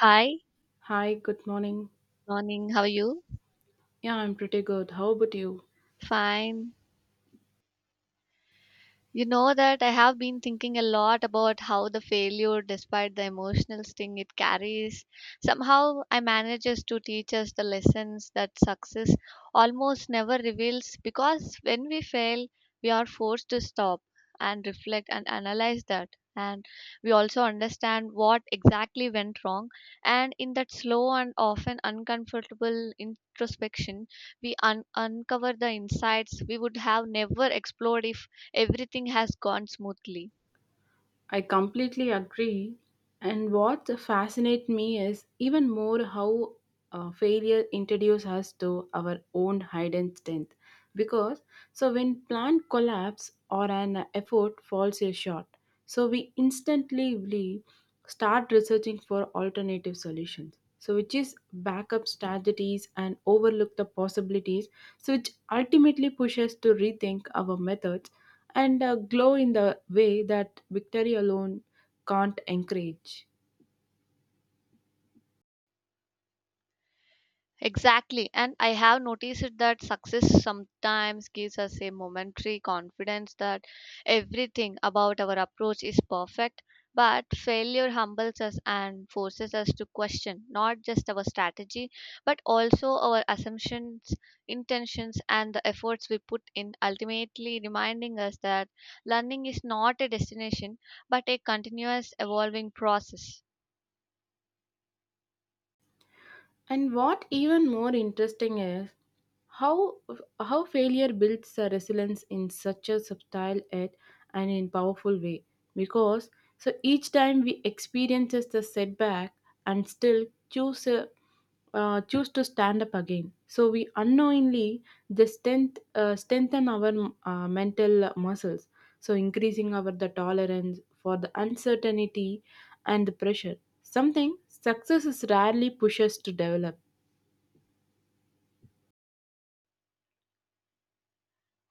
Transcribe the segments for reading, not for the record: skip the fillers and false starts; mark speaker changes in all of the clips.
Speaker 1: Hi,
Speaker 2: Hi, good morning.
Speaker 1: morning. How are you?
Speaker 2: Yeah, I'm pretty good. How about you?
Speaker 1: Fine. You know that I have been thinking a lot about how the failure, despite the emotional sting it carries, somehow I manages to teach us the lessons that success almost never reveals, because when we fail, we are forced to stop and reflect and analyze that. And we also understand what exactly went wrong. And in that slow and often uncomfortable introspection, we uncover the insights we would have never explored if everything has gone smoothly.
Speaker 2: I completely agree. And what fascinates me is even more how failure introduces us to our own hidden strength. Because so when plan collapse or an effort falls short, so we instantly start researching for alternative solutions. So which is backup strategies and overlook the possibilities, so which ultimately pushes to rethink our methods and glow in the way that victory alone can't encourage.
Speaker 1: Exactly. And I have noticed it that success sometimes gives us a momentary confidence that everything about our approach is perfect. But failure humbles us and forces us to question not just our strategy, but also our assumptions, intentions, and the efforts we put in, ultimately reminding us that learning is not a destination, but a continuous evolving process.
Speaker 2: And what even more interesting is how how failure builds a resilience in such a subtle yet and in powerful way. Because so each time we experiences the setback and still choose a, choose to stand up again. So we unknowingly the strengthen our mental muscles. So increasing our the tolerance for the uncertainty and the pressure. Something success is rarely pushes to develop.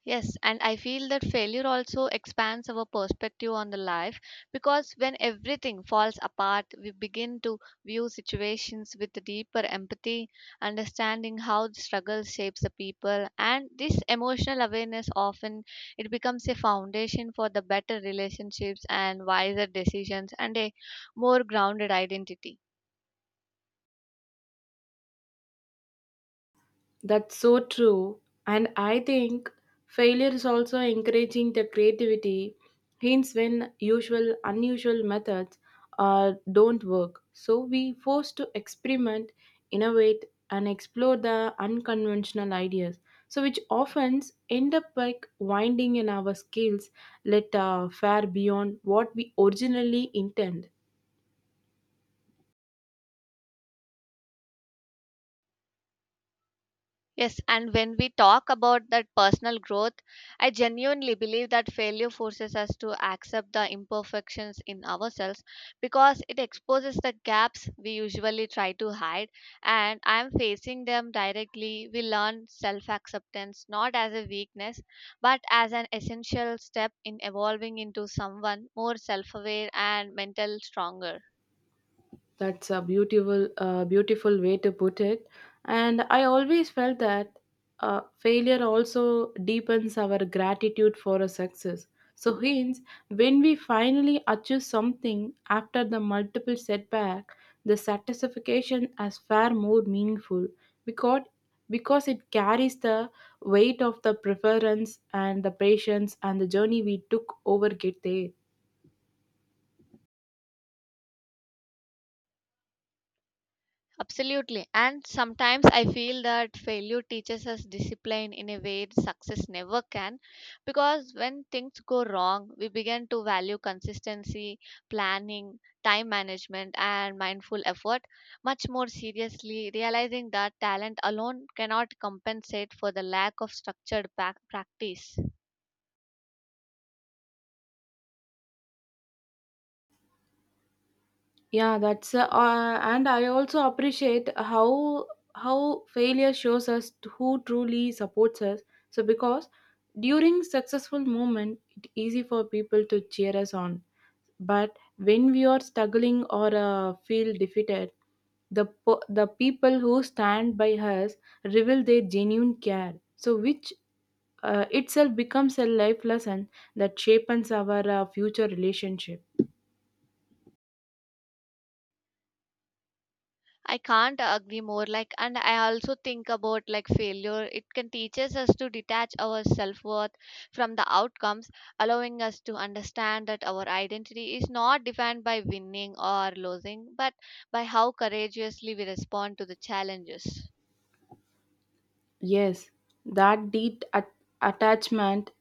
Speaker 1: Yes, and I feel that failure also expands our perspective on the life, because when everything falls apart, we begin to view situations with deeper empathy, understanding how the struggle shapes the people, and this emotional awareness often it becomes a foundation for the better relationships and wiser decisions and a more grounded identity.
Speaker 2: That's so true. And I think failure is also encouraging the creativity, hence when usual, unusual methods don't work. So we forced to experiment, innovate, and explore the unconventional ideas. So which often end up like winding in our skills let far beyond what we originally intend.
Speaker 1: Yes, and when we talk about that personal growth, I genuinely believe that failure forces us to accept the imperfections in ourselves because it exposes the gaps we usually try to hide. And I am facing them directly. We learn self acceptance not as a weakness but as an essential step in evolving into someone more self aware and mental stronger.
Speaker 2: That's a beautiful way to put it. And I always felt that failure also deepens our gratitude for a success. So hence, when we finally achieve something after the multiple setback, the satisfaction is far more meaningful because because it carries the weight of the preference and the patience and the journey we took over get there.
Speaker 1: Absolutely. And sometimes I feel that failure teaches us discipline in a way success never can. Because when things go wrong, we begin to value consistency, planning, time management, and mindful effort much more seriously, realizing that talent alone cannot compensate for the lack of structured practice.
Speaker 2: Yeah that's and I also appreciate how failure shows us who truly supports us so because during successful moment it's easy for people to cheer us on but when we are struggling or feel defeated the people who stand by us reveal their genuine care so which itself becomes a life lesson that shapes our future relationship.
Speaker 1: I can't agree more. Like, and I also think about like failure. It can teaches us to detach our self worth from the outcomes, allowing us to understand that our identity is not defined by winning or losing, but by how courageously we respond to the challenges.
Speaker 2: Yes, that attachment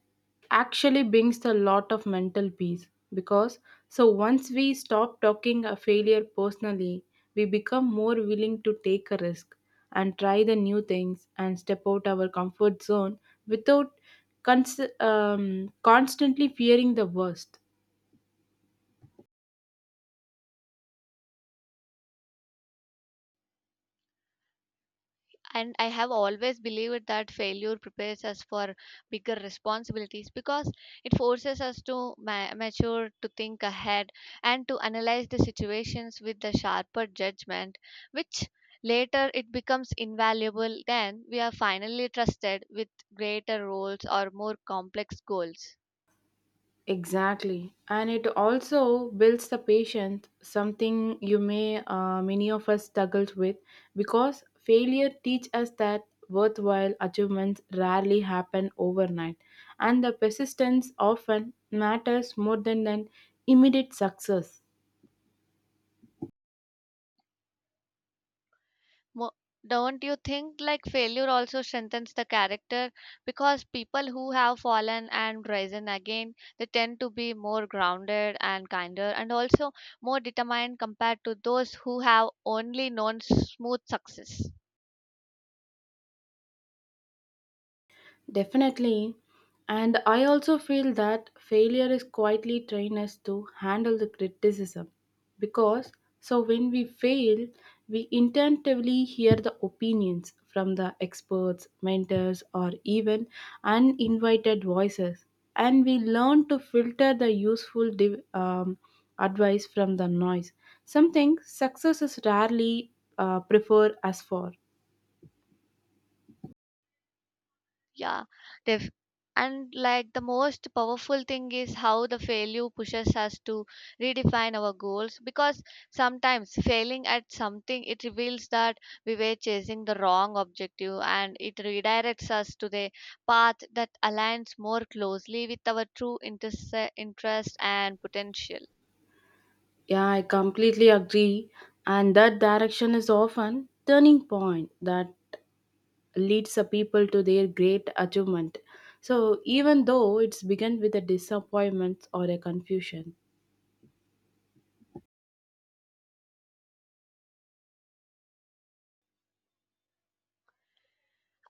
Speaker 2: actually brings a lot of mental peace because so once we stop talking a failure personally, we become more willing to take a risk and try the new things and step out our comfort zone without constantly fearing the worst.
Speaker 1: And I have always believed that failure prepares us for bigger responsibilities, because it forces us to mature, to think ahead and to analyze the situations with the sharper judgment, which later it becomes invaluable then we are finally trusted with greater roles or more complex goals.
Speaker 2: Exactly. And it also builds the patient, something you may many of us struggles with because failure teach us that worthwhile achievements rarely happen overnight and the persistence often matters more than an immediate success.
Speaker 1: Mo- don't you think like failure also strengthens the character, because people who have fallen and risen again they tend to be more grounded and kinder and also more determined compared to those who have only known smooth success?
Speaker 2: Definitely. And I also feel that failure is quietly trained us to handle the criticism because so when we fail, we intuitively hear the opinions from the experts, mentors, or even uninvited voices, and we learn to filter the useful advice from the noise, something success is rarely preferred us for.
Speaker 1: Yeah, def- and like the most powerful thing is how the failure pushes us to redefine our goals, because sometimes failing at something it reveals that we were chasing the wrong objective and it redirects us to the path that aligns more closely with our true interest and potential.
Speaker 2: Yeah, I completely agree. And that direction is often turning point that leads the people to their great achievement. So even though it's begun with a disappointment or a confusion.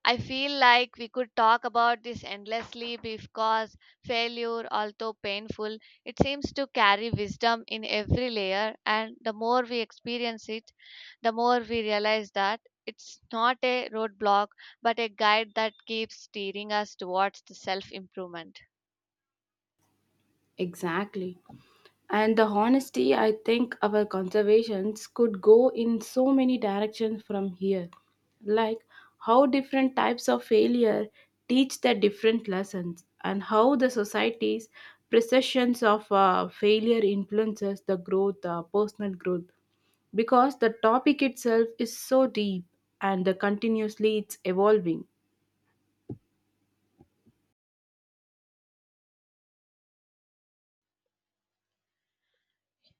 Speaker 1: I feel like we could talk about this endlessly because failure, although painful, it seems to carry wisdom in every layer. And the more we experience it, the more we realize that it's not a roadblock but a guide that keeps steering us towards the self improvement.
Speaker 2: Exactly. And the honesty, I think our conservations could go in so many directions from here. Like how different types of failure teach the different lessons, and how the society's perceptions of failure influences the growth, personal growth. Because the topic itself is so deep and continuously it's evolving.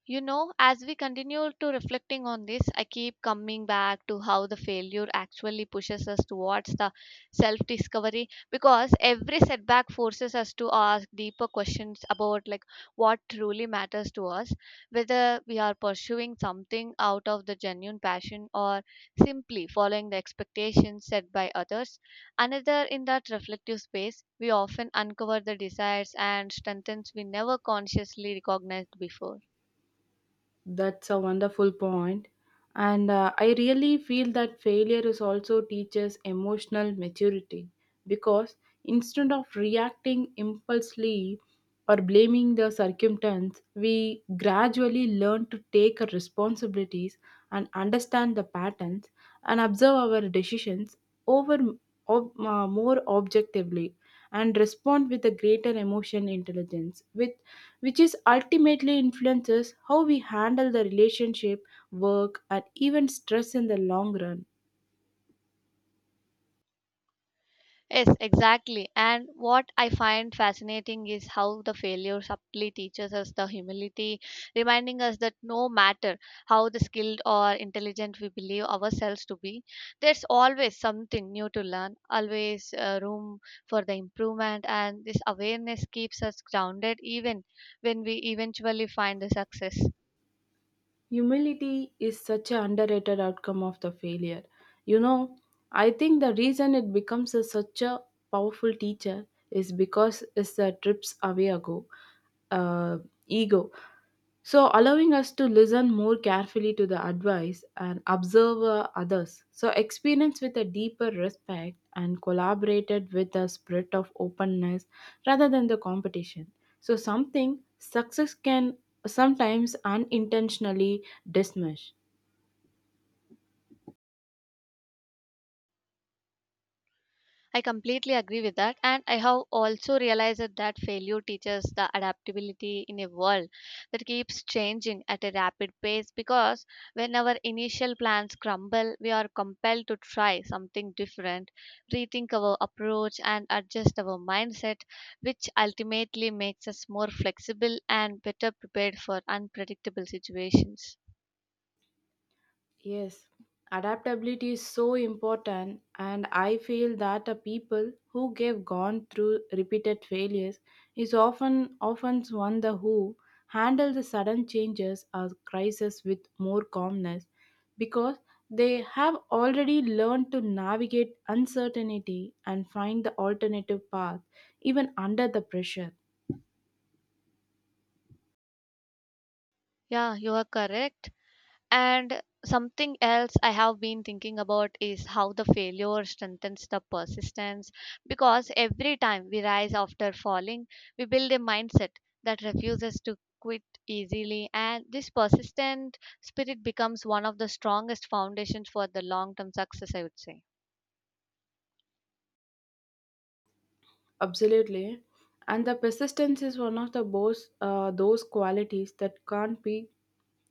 Speaker 1: You know, as we continue to reflecting on this, I keep coming back to how the failure actually pushes us towards the self discovery, because every setback forces us to ask deeper questions about like what truly matters to us, whether we are pursuing something out of the genuine passion or simply following the expectations set by others. Another in that reflective space, we often uncover the desires and strengths we never consciously recognized before.
Speaker 2: That's a wonderful point. And I really feel that failure is also teaches emotional maturity because instead of reacting impulsively or blaming the circumstance, we gradually learn to take our responsibilities and understand the patterns and observe our decisions over more objectively and respond with a greater emotional intelligence with which is ultimately influences how we handle the relationship work and even stress in the long run.
Speaker 1: Yes, exactly. And what I find fascinating is how the failure subtly teaches us the humility, reminding us that no matter how the skilled or intelligent we believe ourselves to be, there's always something new to learn, always room for the improvement. And this awareness keeps us grounded even when we eventually find the success.
Speaker 2: Humility is such an underrated outcome of the failure. You know, I think the reason it becomes a, such a powerful teacher is because it's the trips away uh, ego. So, allowing us to listen more carefully to the advice and observe others. So, experience with a deeper respect and collaborated with a spirit of openness rather than the competition. So, something success can sometimes unintentionally dismiss.
Speaker 1: I completely agree with that. And I have also realized that failure teaches the adaptability in a world that keeps changing at a rapid pace, because when our initial plans crumble, we are compelled to try something different, rethink our approach, and adjust our mindset, which ultimately makes us more flexible and better prepared for unpredictable situations.
Speaker 2: Yes, adaptability is so important, and I feel that a people who have gone through repeated failures is often one the who handle the sudden changes or crisis with more calmness because they have already learned to navigate uncertainty and find the alternative path even under the pressure.
Speaker 1: Yeah, you are correct. And something else I have been thinking about is how the failure strengthens the persistence, because every time we rise after falling, we build a mindset that refuses to quit easily, and this persistent spirit becomes one of the strongest foundations for the long term success, I would say.
Speaker 2: Absolutely. And the persistence is one of the most those qualities that can't be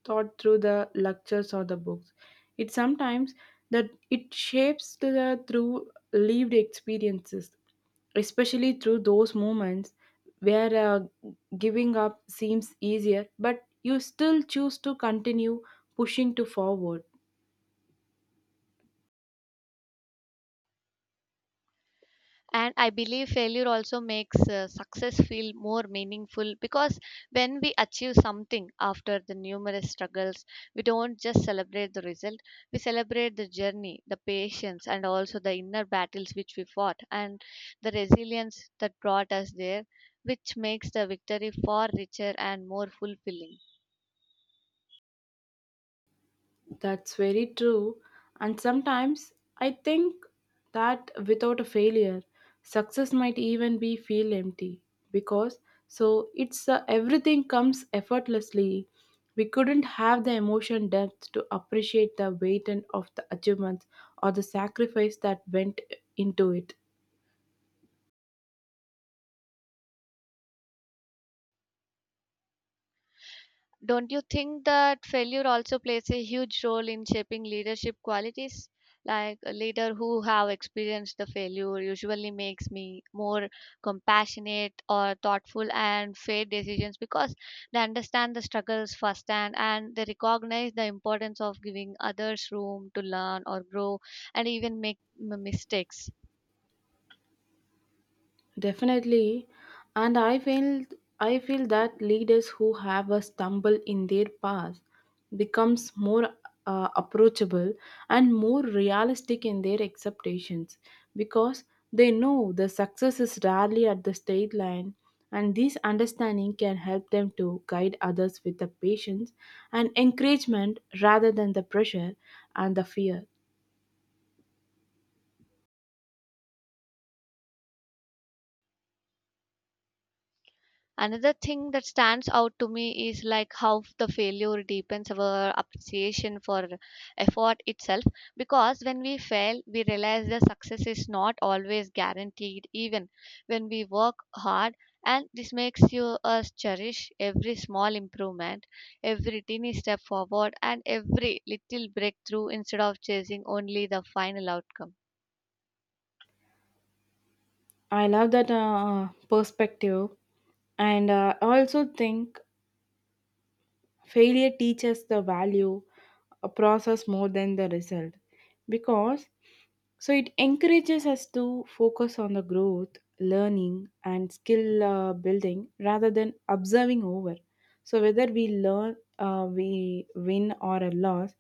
Speaker 2: taught through the lectures or the books. It sometimes that it shapes to the, through lived experiences, especially through those moments where giving up seems easier, but you still choose to continue pushing to forward.
Speaker 1: And I believe failure also makes success feel more meaningful, because when we achieve something after the numerous struggles, we don't just celebrate the result, we celebrate the journey, the patience, and also the inner battles which we fought, and the resilience that brought us there, which makes the victory far richer and more fulfilling.
Speaker 2: That's very true. And sometimes I think that without a failure, success might even be feel empty because so it's everything comes effortlessly. We couldn't have the emotion depth to appreciate the weight and of the achievements or the sacrifice that went into it.
Speaker 1: Don't you think that failure also plays a huge role in shaping leadership qualities? Like a leader who have experienced the failure usually makes me more compassionate or thoughtful and fair decisions, because they understand the struggles firsthand and they recognize the importance of giving others room to learn or grow and even make mistakes.
Speaker 2: Definitely. And I feel that leaders who have a stumble in their past becomes more approachable and more realistic in their expectations because they know the success is rarely at the state line and this understanding can help them to guide others with the patience and encouragement rather than the pressure and the fear.
Speaker 1: Another thing that stands out to me is like how the failure deepens our appreciation for effort itself, because when we fail we realize the success is not always guaranteed even when we work hard, and this makes you us cherish every small improvement, every tiny step forward, and every little breakthrough instead of chasing only the final outcome.
Speaker 2: I love that perspective and I also think failure teaches the value a process more than the result because so it encourages us to focus on the growth, learning, and skill building rather than observing over. So whether we we win or a loss,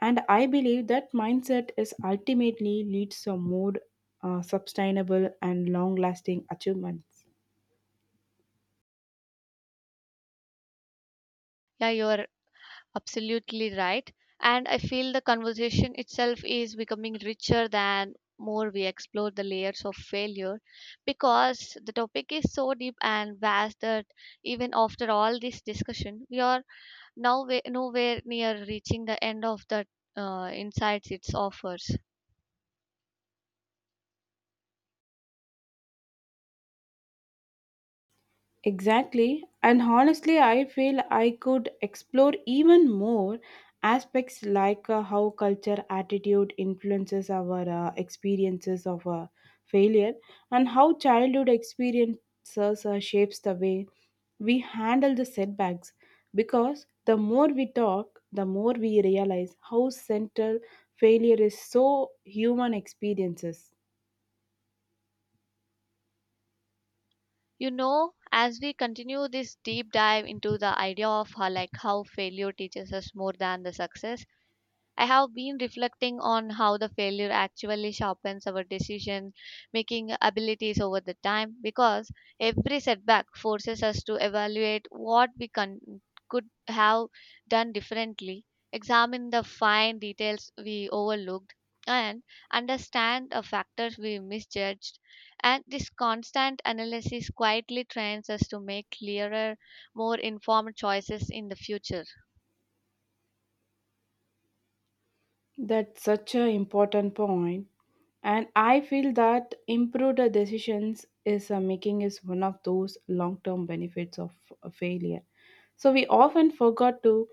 Speaker 2: and I believe that mindset is ultimately leads to more sustainable and long-lasting achievements.
Speaker 1: Yeah, you are absolutely right. And I feel the conversation itself is becoming richer than more we explore the layers of failure, because the topic is so deep and vast that even after all this discussion, we are now nowhere near reaching the end of the insights it offers.
Speaker 2: Exactly. And honestly, I feel I could explore even more aspects like how culture attitude influences our experiences of failure and how childhood experiences shapes the way we handle the setbacks because the more we talk the more we realize how central failure is so human experiences.
Speaker 1: You know, as we continue this deep dive into the idea of how, like how failure teaches us more than the success, I have been reflecting on how the failure actually sharpens our decision making abilities over the time, because every setback forces us to evaluate what we could have done differently, examine the fine details we overlooked, and understand the factors we misjudged. And this constant analysis quietly trains us to make clearer, more informed choices in the future.
Speaker 2: That's such an important point. And I feel that improved decisions is making is one of those long term benefits of failure so we often forgot to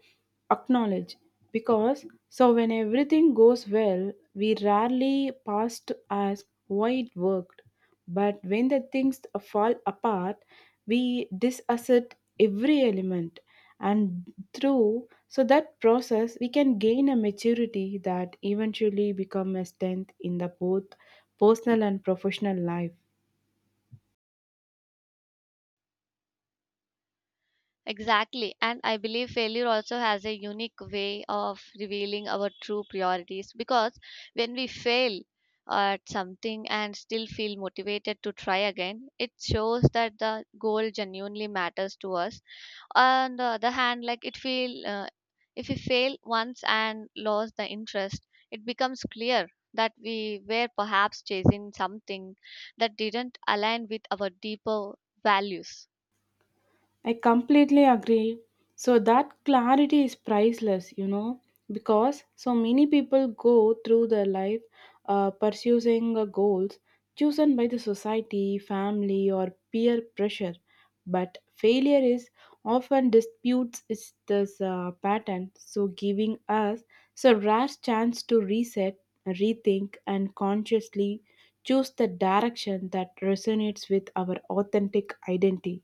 Speaker 2: acknowledge because so when everything goes well we rarely pause to ask why it worked but when the things fall apart we disasset every element and through so that process we can gain a maturity that eventually become a strength in the both personal and professional life.
Speaker 1: Exactly. And I believe failure also has a unique way of revealing our true priorities, because when we fail at something and still feel motivated to try again, it shows that the goal genuinely matters to us. On the other hand, like it feel, if we fail once and lose the interest, it becomes clear that we were perhaps chasing something that didn't align with our deeper values.
Speaker 2: I completely agree. So that clarity is priceless, you know, because so many people go through their life pursuing goals chosen by the society, family, or peer pressure. But failure is often disputes is this pattern, so giving us so rare chance to reset, rethink, and consciously choose the direction that resonates with our authentic identity.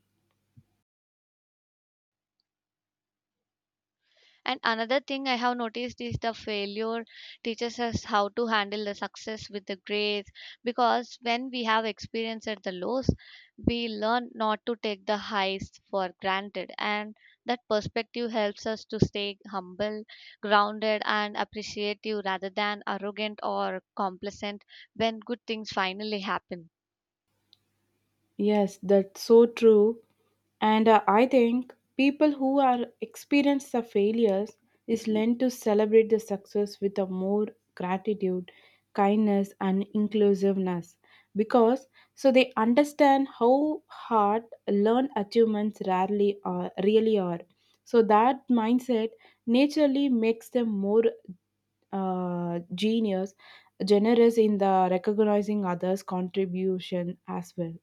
Speaker 1: And another thing I have noticed is the failure teaches us how to handle the success with the grace, because when we have experienced the lows, we learn not to take the highs for granted. And that perspective helps us to stay humble, grounded, and appreciative rather than arrogant or complacent when good things finally happen.
Speaker 2: Yes, that's so true. And I think people who are experience the failures is learn to celebrate the success with a more gratitude, kindness, and inclusiveness because so they understand how hard learned achievements rarely are really are. So that mindset naturally makes them more genius, generous in the recognizing others' contribution as well.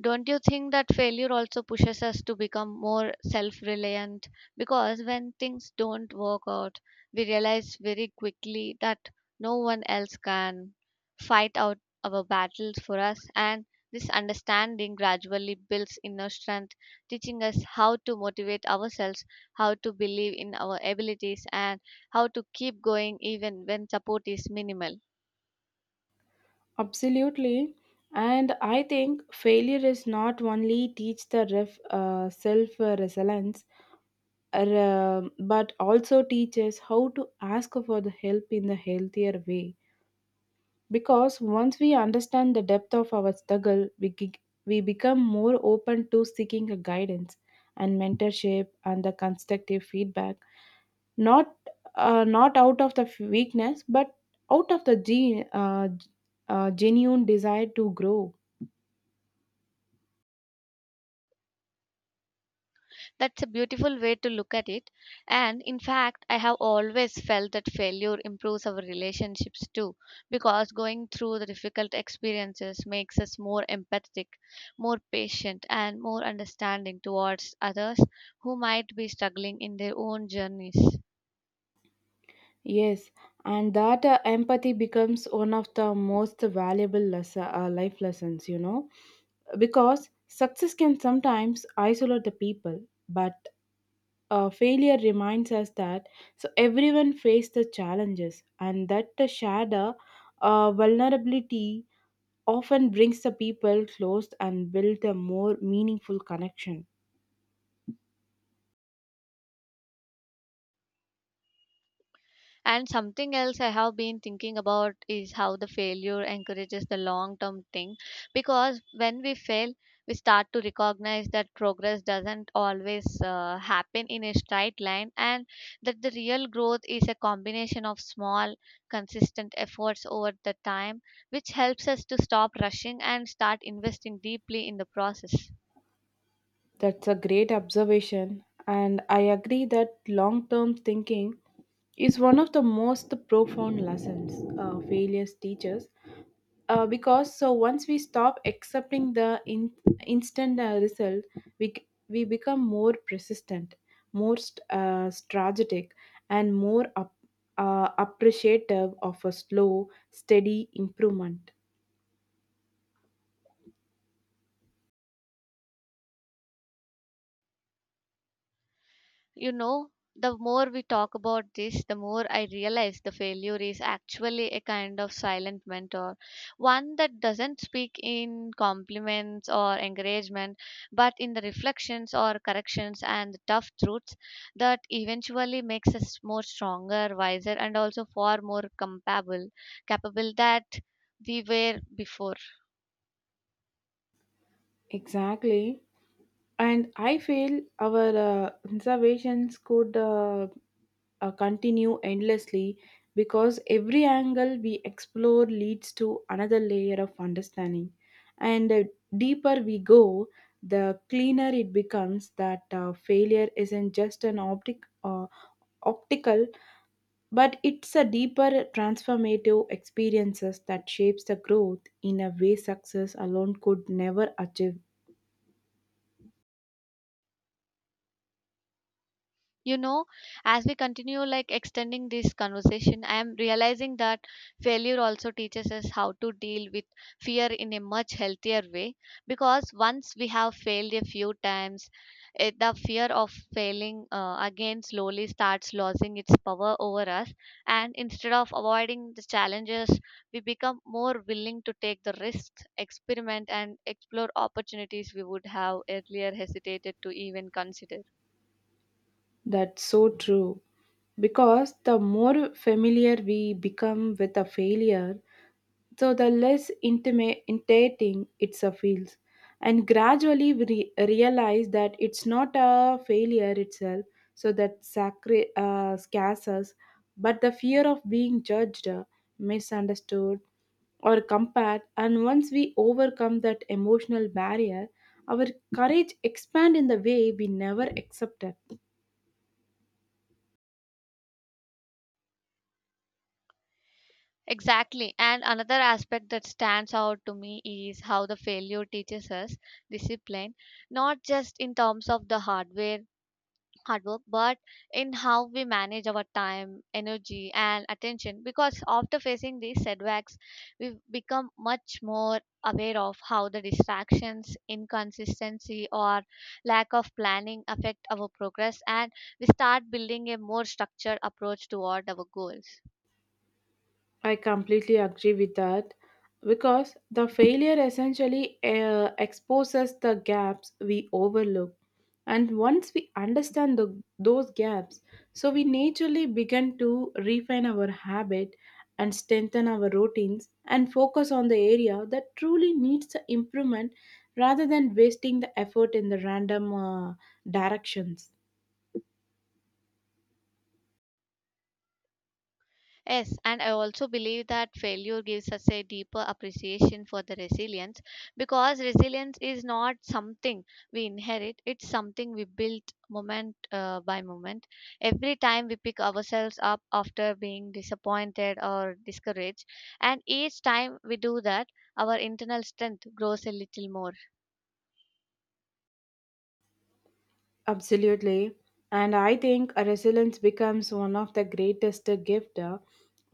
Speaker 1: Don't you think that failure also pushes us to become more self reliant? Because when things don't work out, we realize very quickly that no one else can fight out our battles for us, and this understanding gradually builds inner strength, teaching us how to motivate ourselves, how to believe in our abilities, and how to keep going even when support is minimal.
Speaker 2: Absolutely. And I think failure is not only teach the self resilience, but also teaches how to ask for the help in the healthier way. Because once we understand the depth of our struggle, we become more open to seeking a guidance and mentorship and the constructive feedback, not not out of the weakness, but out of the genuine desire to grow.
Speaker 1: That's a beautiful way to look at it. And in fact, I have always felt that failure improves our relationships too, because going through the difficult experiences makes us more empathetic, more patient, and more understanding towards others who might be struggling in their own journeys.
Speaker 2: Yes, and that empathy becomes one of the most valuable life lessons, you know, because success can sometimes isolate the people, but failure reminds us that so everyone faces the challenges, and that the shadow vulnerability often brings the people close and build a more meaningful connection.
Speaker 1: And something else I have been thinking about is how the failure encourages the long term thing. Because when we fail, we start to recognize that progress doesn't always happen in a straight line and that the real growth is a combination of small, consistent efforts over the time, which helps us to stop rushing and start investing deeply in the process.
Speaker 2: That's a great observation, and I agree that long term thinking is one of the most profound lessons failures teaches. Because so once we stop accepting the instant result, we become more persistent, more strategic, and more appreciative of a slow, steady improvement.
Speaker 1: You know, the more we talk about this, the more I realize the failure is actually a kind of silent mentor, one that doesn't speak in compliments or encouragement but in the reflections or corrections and the tough truths that eventually makes us more stronger, wiser, and also far more compatible capable that we were before.
Speaker 2: Exactly. And I feel our observations could continue endlessly because every angle we explore leads to another layer of understanding. And the deeper we go, the cleaner it becomes that failure isn't just an optical, but it's a deeper transformative experiences that shapes the growth in a way success alone could never achieve.
Speaker 1: You know, as we continue like extending this conversation, I am realizing that failure also teaches us how to deal with fear in a much healthier way, because once we have failed a few times, the fear of failing again slowly starts losing its power over us, and instead of avoiding the challenges we become more willing to take the risks, experiment, and explore opportunities we would have earlier hesitated to even consider.
Speaker 2: That's so true. Because the more familiar we become with a failure, so the less intimate, intimidating it feels. And gradually we realize that it's not a failure itself, so that scares us, but the fear of being judged, misunderstood, or compared. And once we overcome that emotional barrier, our courage expands in the way we never accepted.
Speaker 1: Exactly. And another aspect that stands out to me is how the failure teaches us discipline, not just in terms of the hard work, but in how we manage our time, energy, and attention. Because after facing these setbacks, we become much more aware of how the distractions, inconsistency, or lack of planning affect our progress, and we start building a more structured approach toward our goals.
Speaker 2: I completely agree with that because the failure essentially exposes the gaps we overlook. And once we understand the, those gaps, so we naturally begin to refine our habit and strengthen our routines and focus on the area that truly needs the improvement rather than wasting the effort in the random directions.
Speaker 1: Yes, and I also believe that failure gives us a deeper appreciation for the resilience, because resilience is not something we inherit, it's something we build moment by moment. Every time we pick ourselves up after being disappointed or discouraged, and each time we do that, our internal strength grows a little more.
Speaker 2: Absolutely. And I think a resilience becomes one of the greatest gift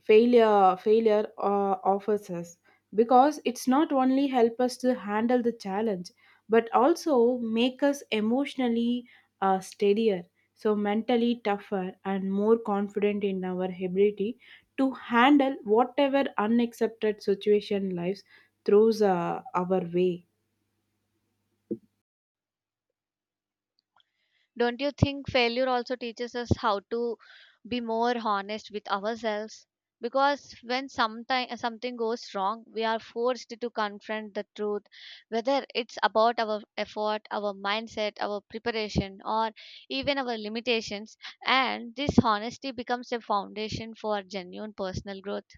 Speaker 2: failure offers us because it's not only help us to handle the challenge but also make us emotionally steadier so mentally tougher and more confident in our ability to handle whatever unaccepted situation lives throws our way.
Speaker 1: Don't you think failure also teaches us how to be more honest with ourselves? Because when sometime, something goes wrong, we are forced to confront the truth, whether it's about our effort, our mindset, our preparation, or even our limitations. And this honesty becomes a foundation for genuine personal growth.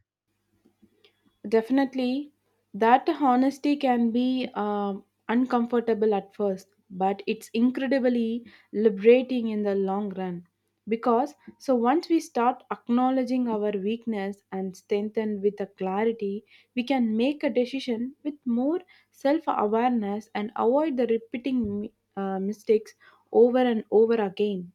Speaker 2: Definitely, that honesty can be uncomfortable at first, but it's incredibly liberating in the long run. Because so once we start acknowledging our weakness and strengthen with a clarity, we can make a decision with more self awareness and avoid the repeating mistakes over and over again.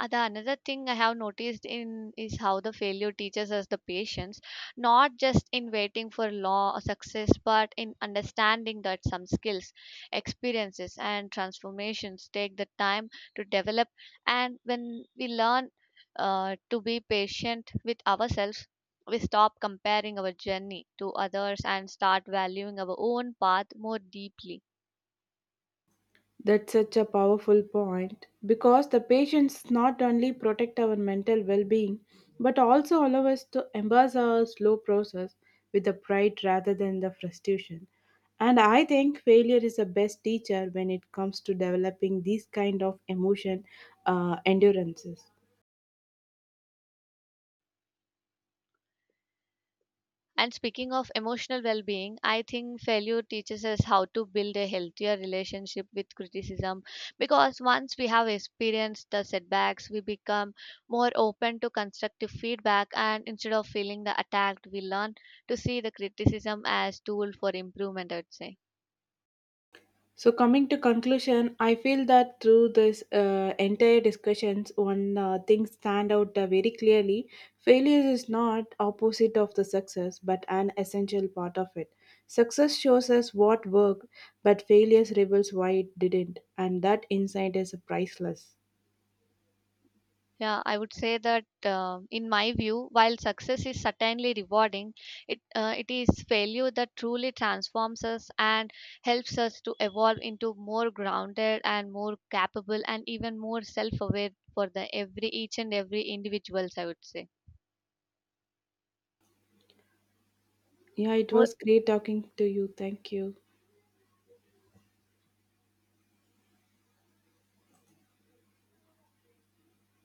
Speaker 1: The another thing I have noticed in is how the failure teaches us the patience, not just in waiting for law or success, but in understanding that some skills, experiences, and transformations take the time to develop. And when we learn to be patient with ourselves, we stop comparing our journey to others and start valuing our own path more deeply.
Speaker 2: That's such a powerful point because the patients not only protect our mental well being but also allow us to embrace our slow process with the pride rather than the frustration. And I think failure is the best teacher when it comes to developing these kind of emotion endurances.
Speaker 1: And speaking of emotional well being, I think failure teaches us how to build a healthier relationship with criticism, because once we have experienced the setbacks, we become more open to constructive feedback and instead of feeling the attacked, we learn to see the criticism as tool for improvement, I would say.
Speaker 2: So coming to conclusion, I feel that through this entire discussions, one thing stand out very clearly. Failure is not opposite of the success, but an essential part of it. Success shows us what worked, but failures reveals why it didn't, and that insight is priceless.
Speaker 1: Yeah, I would say that in my view, while success is certainly rewarding, it is failure that truly transforms us and helps us to evolve into more grounded and more capable and even more self-aware for the every each and every individuals, I would say.
Speaker 2: Yeah, it was great talking to you. Thank you.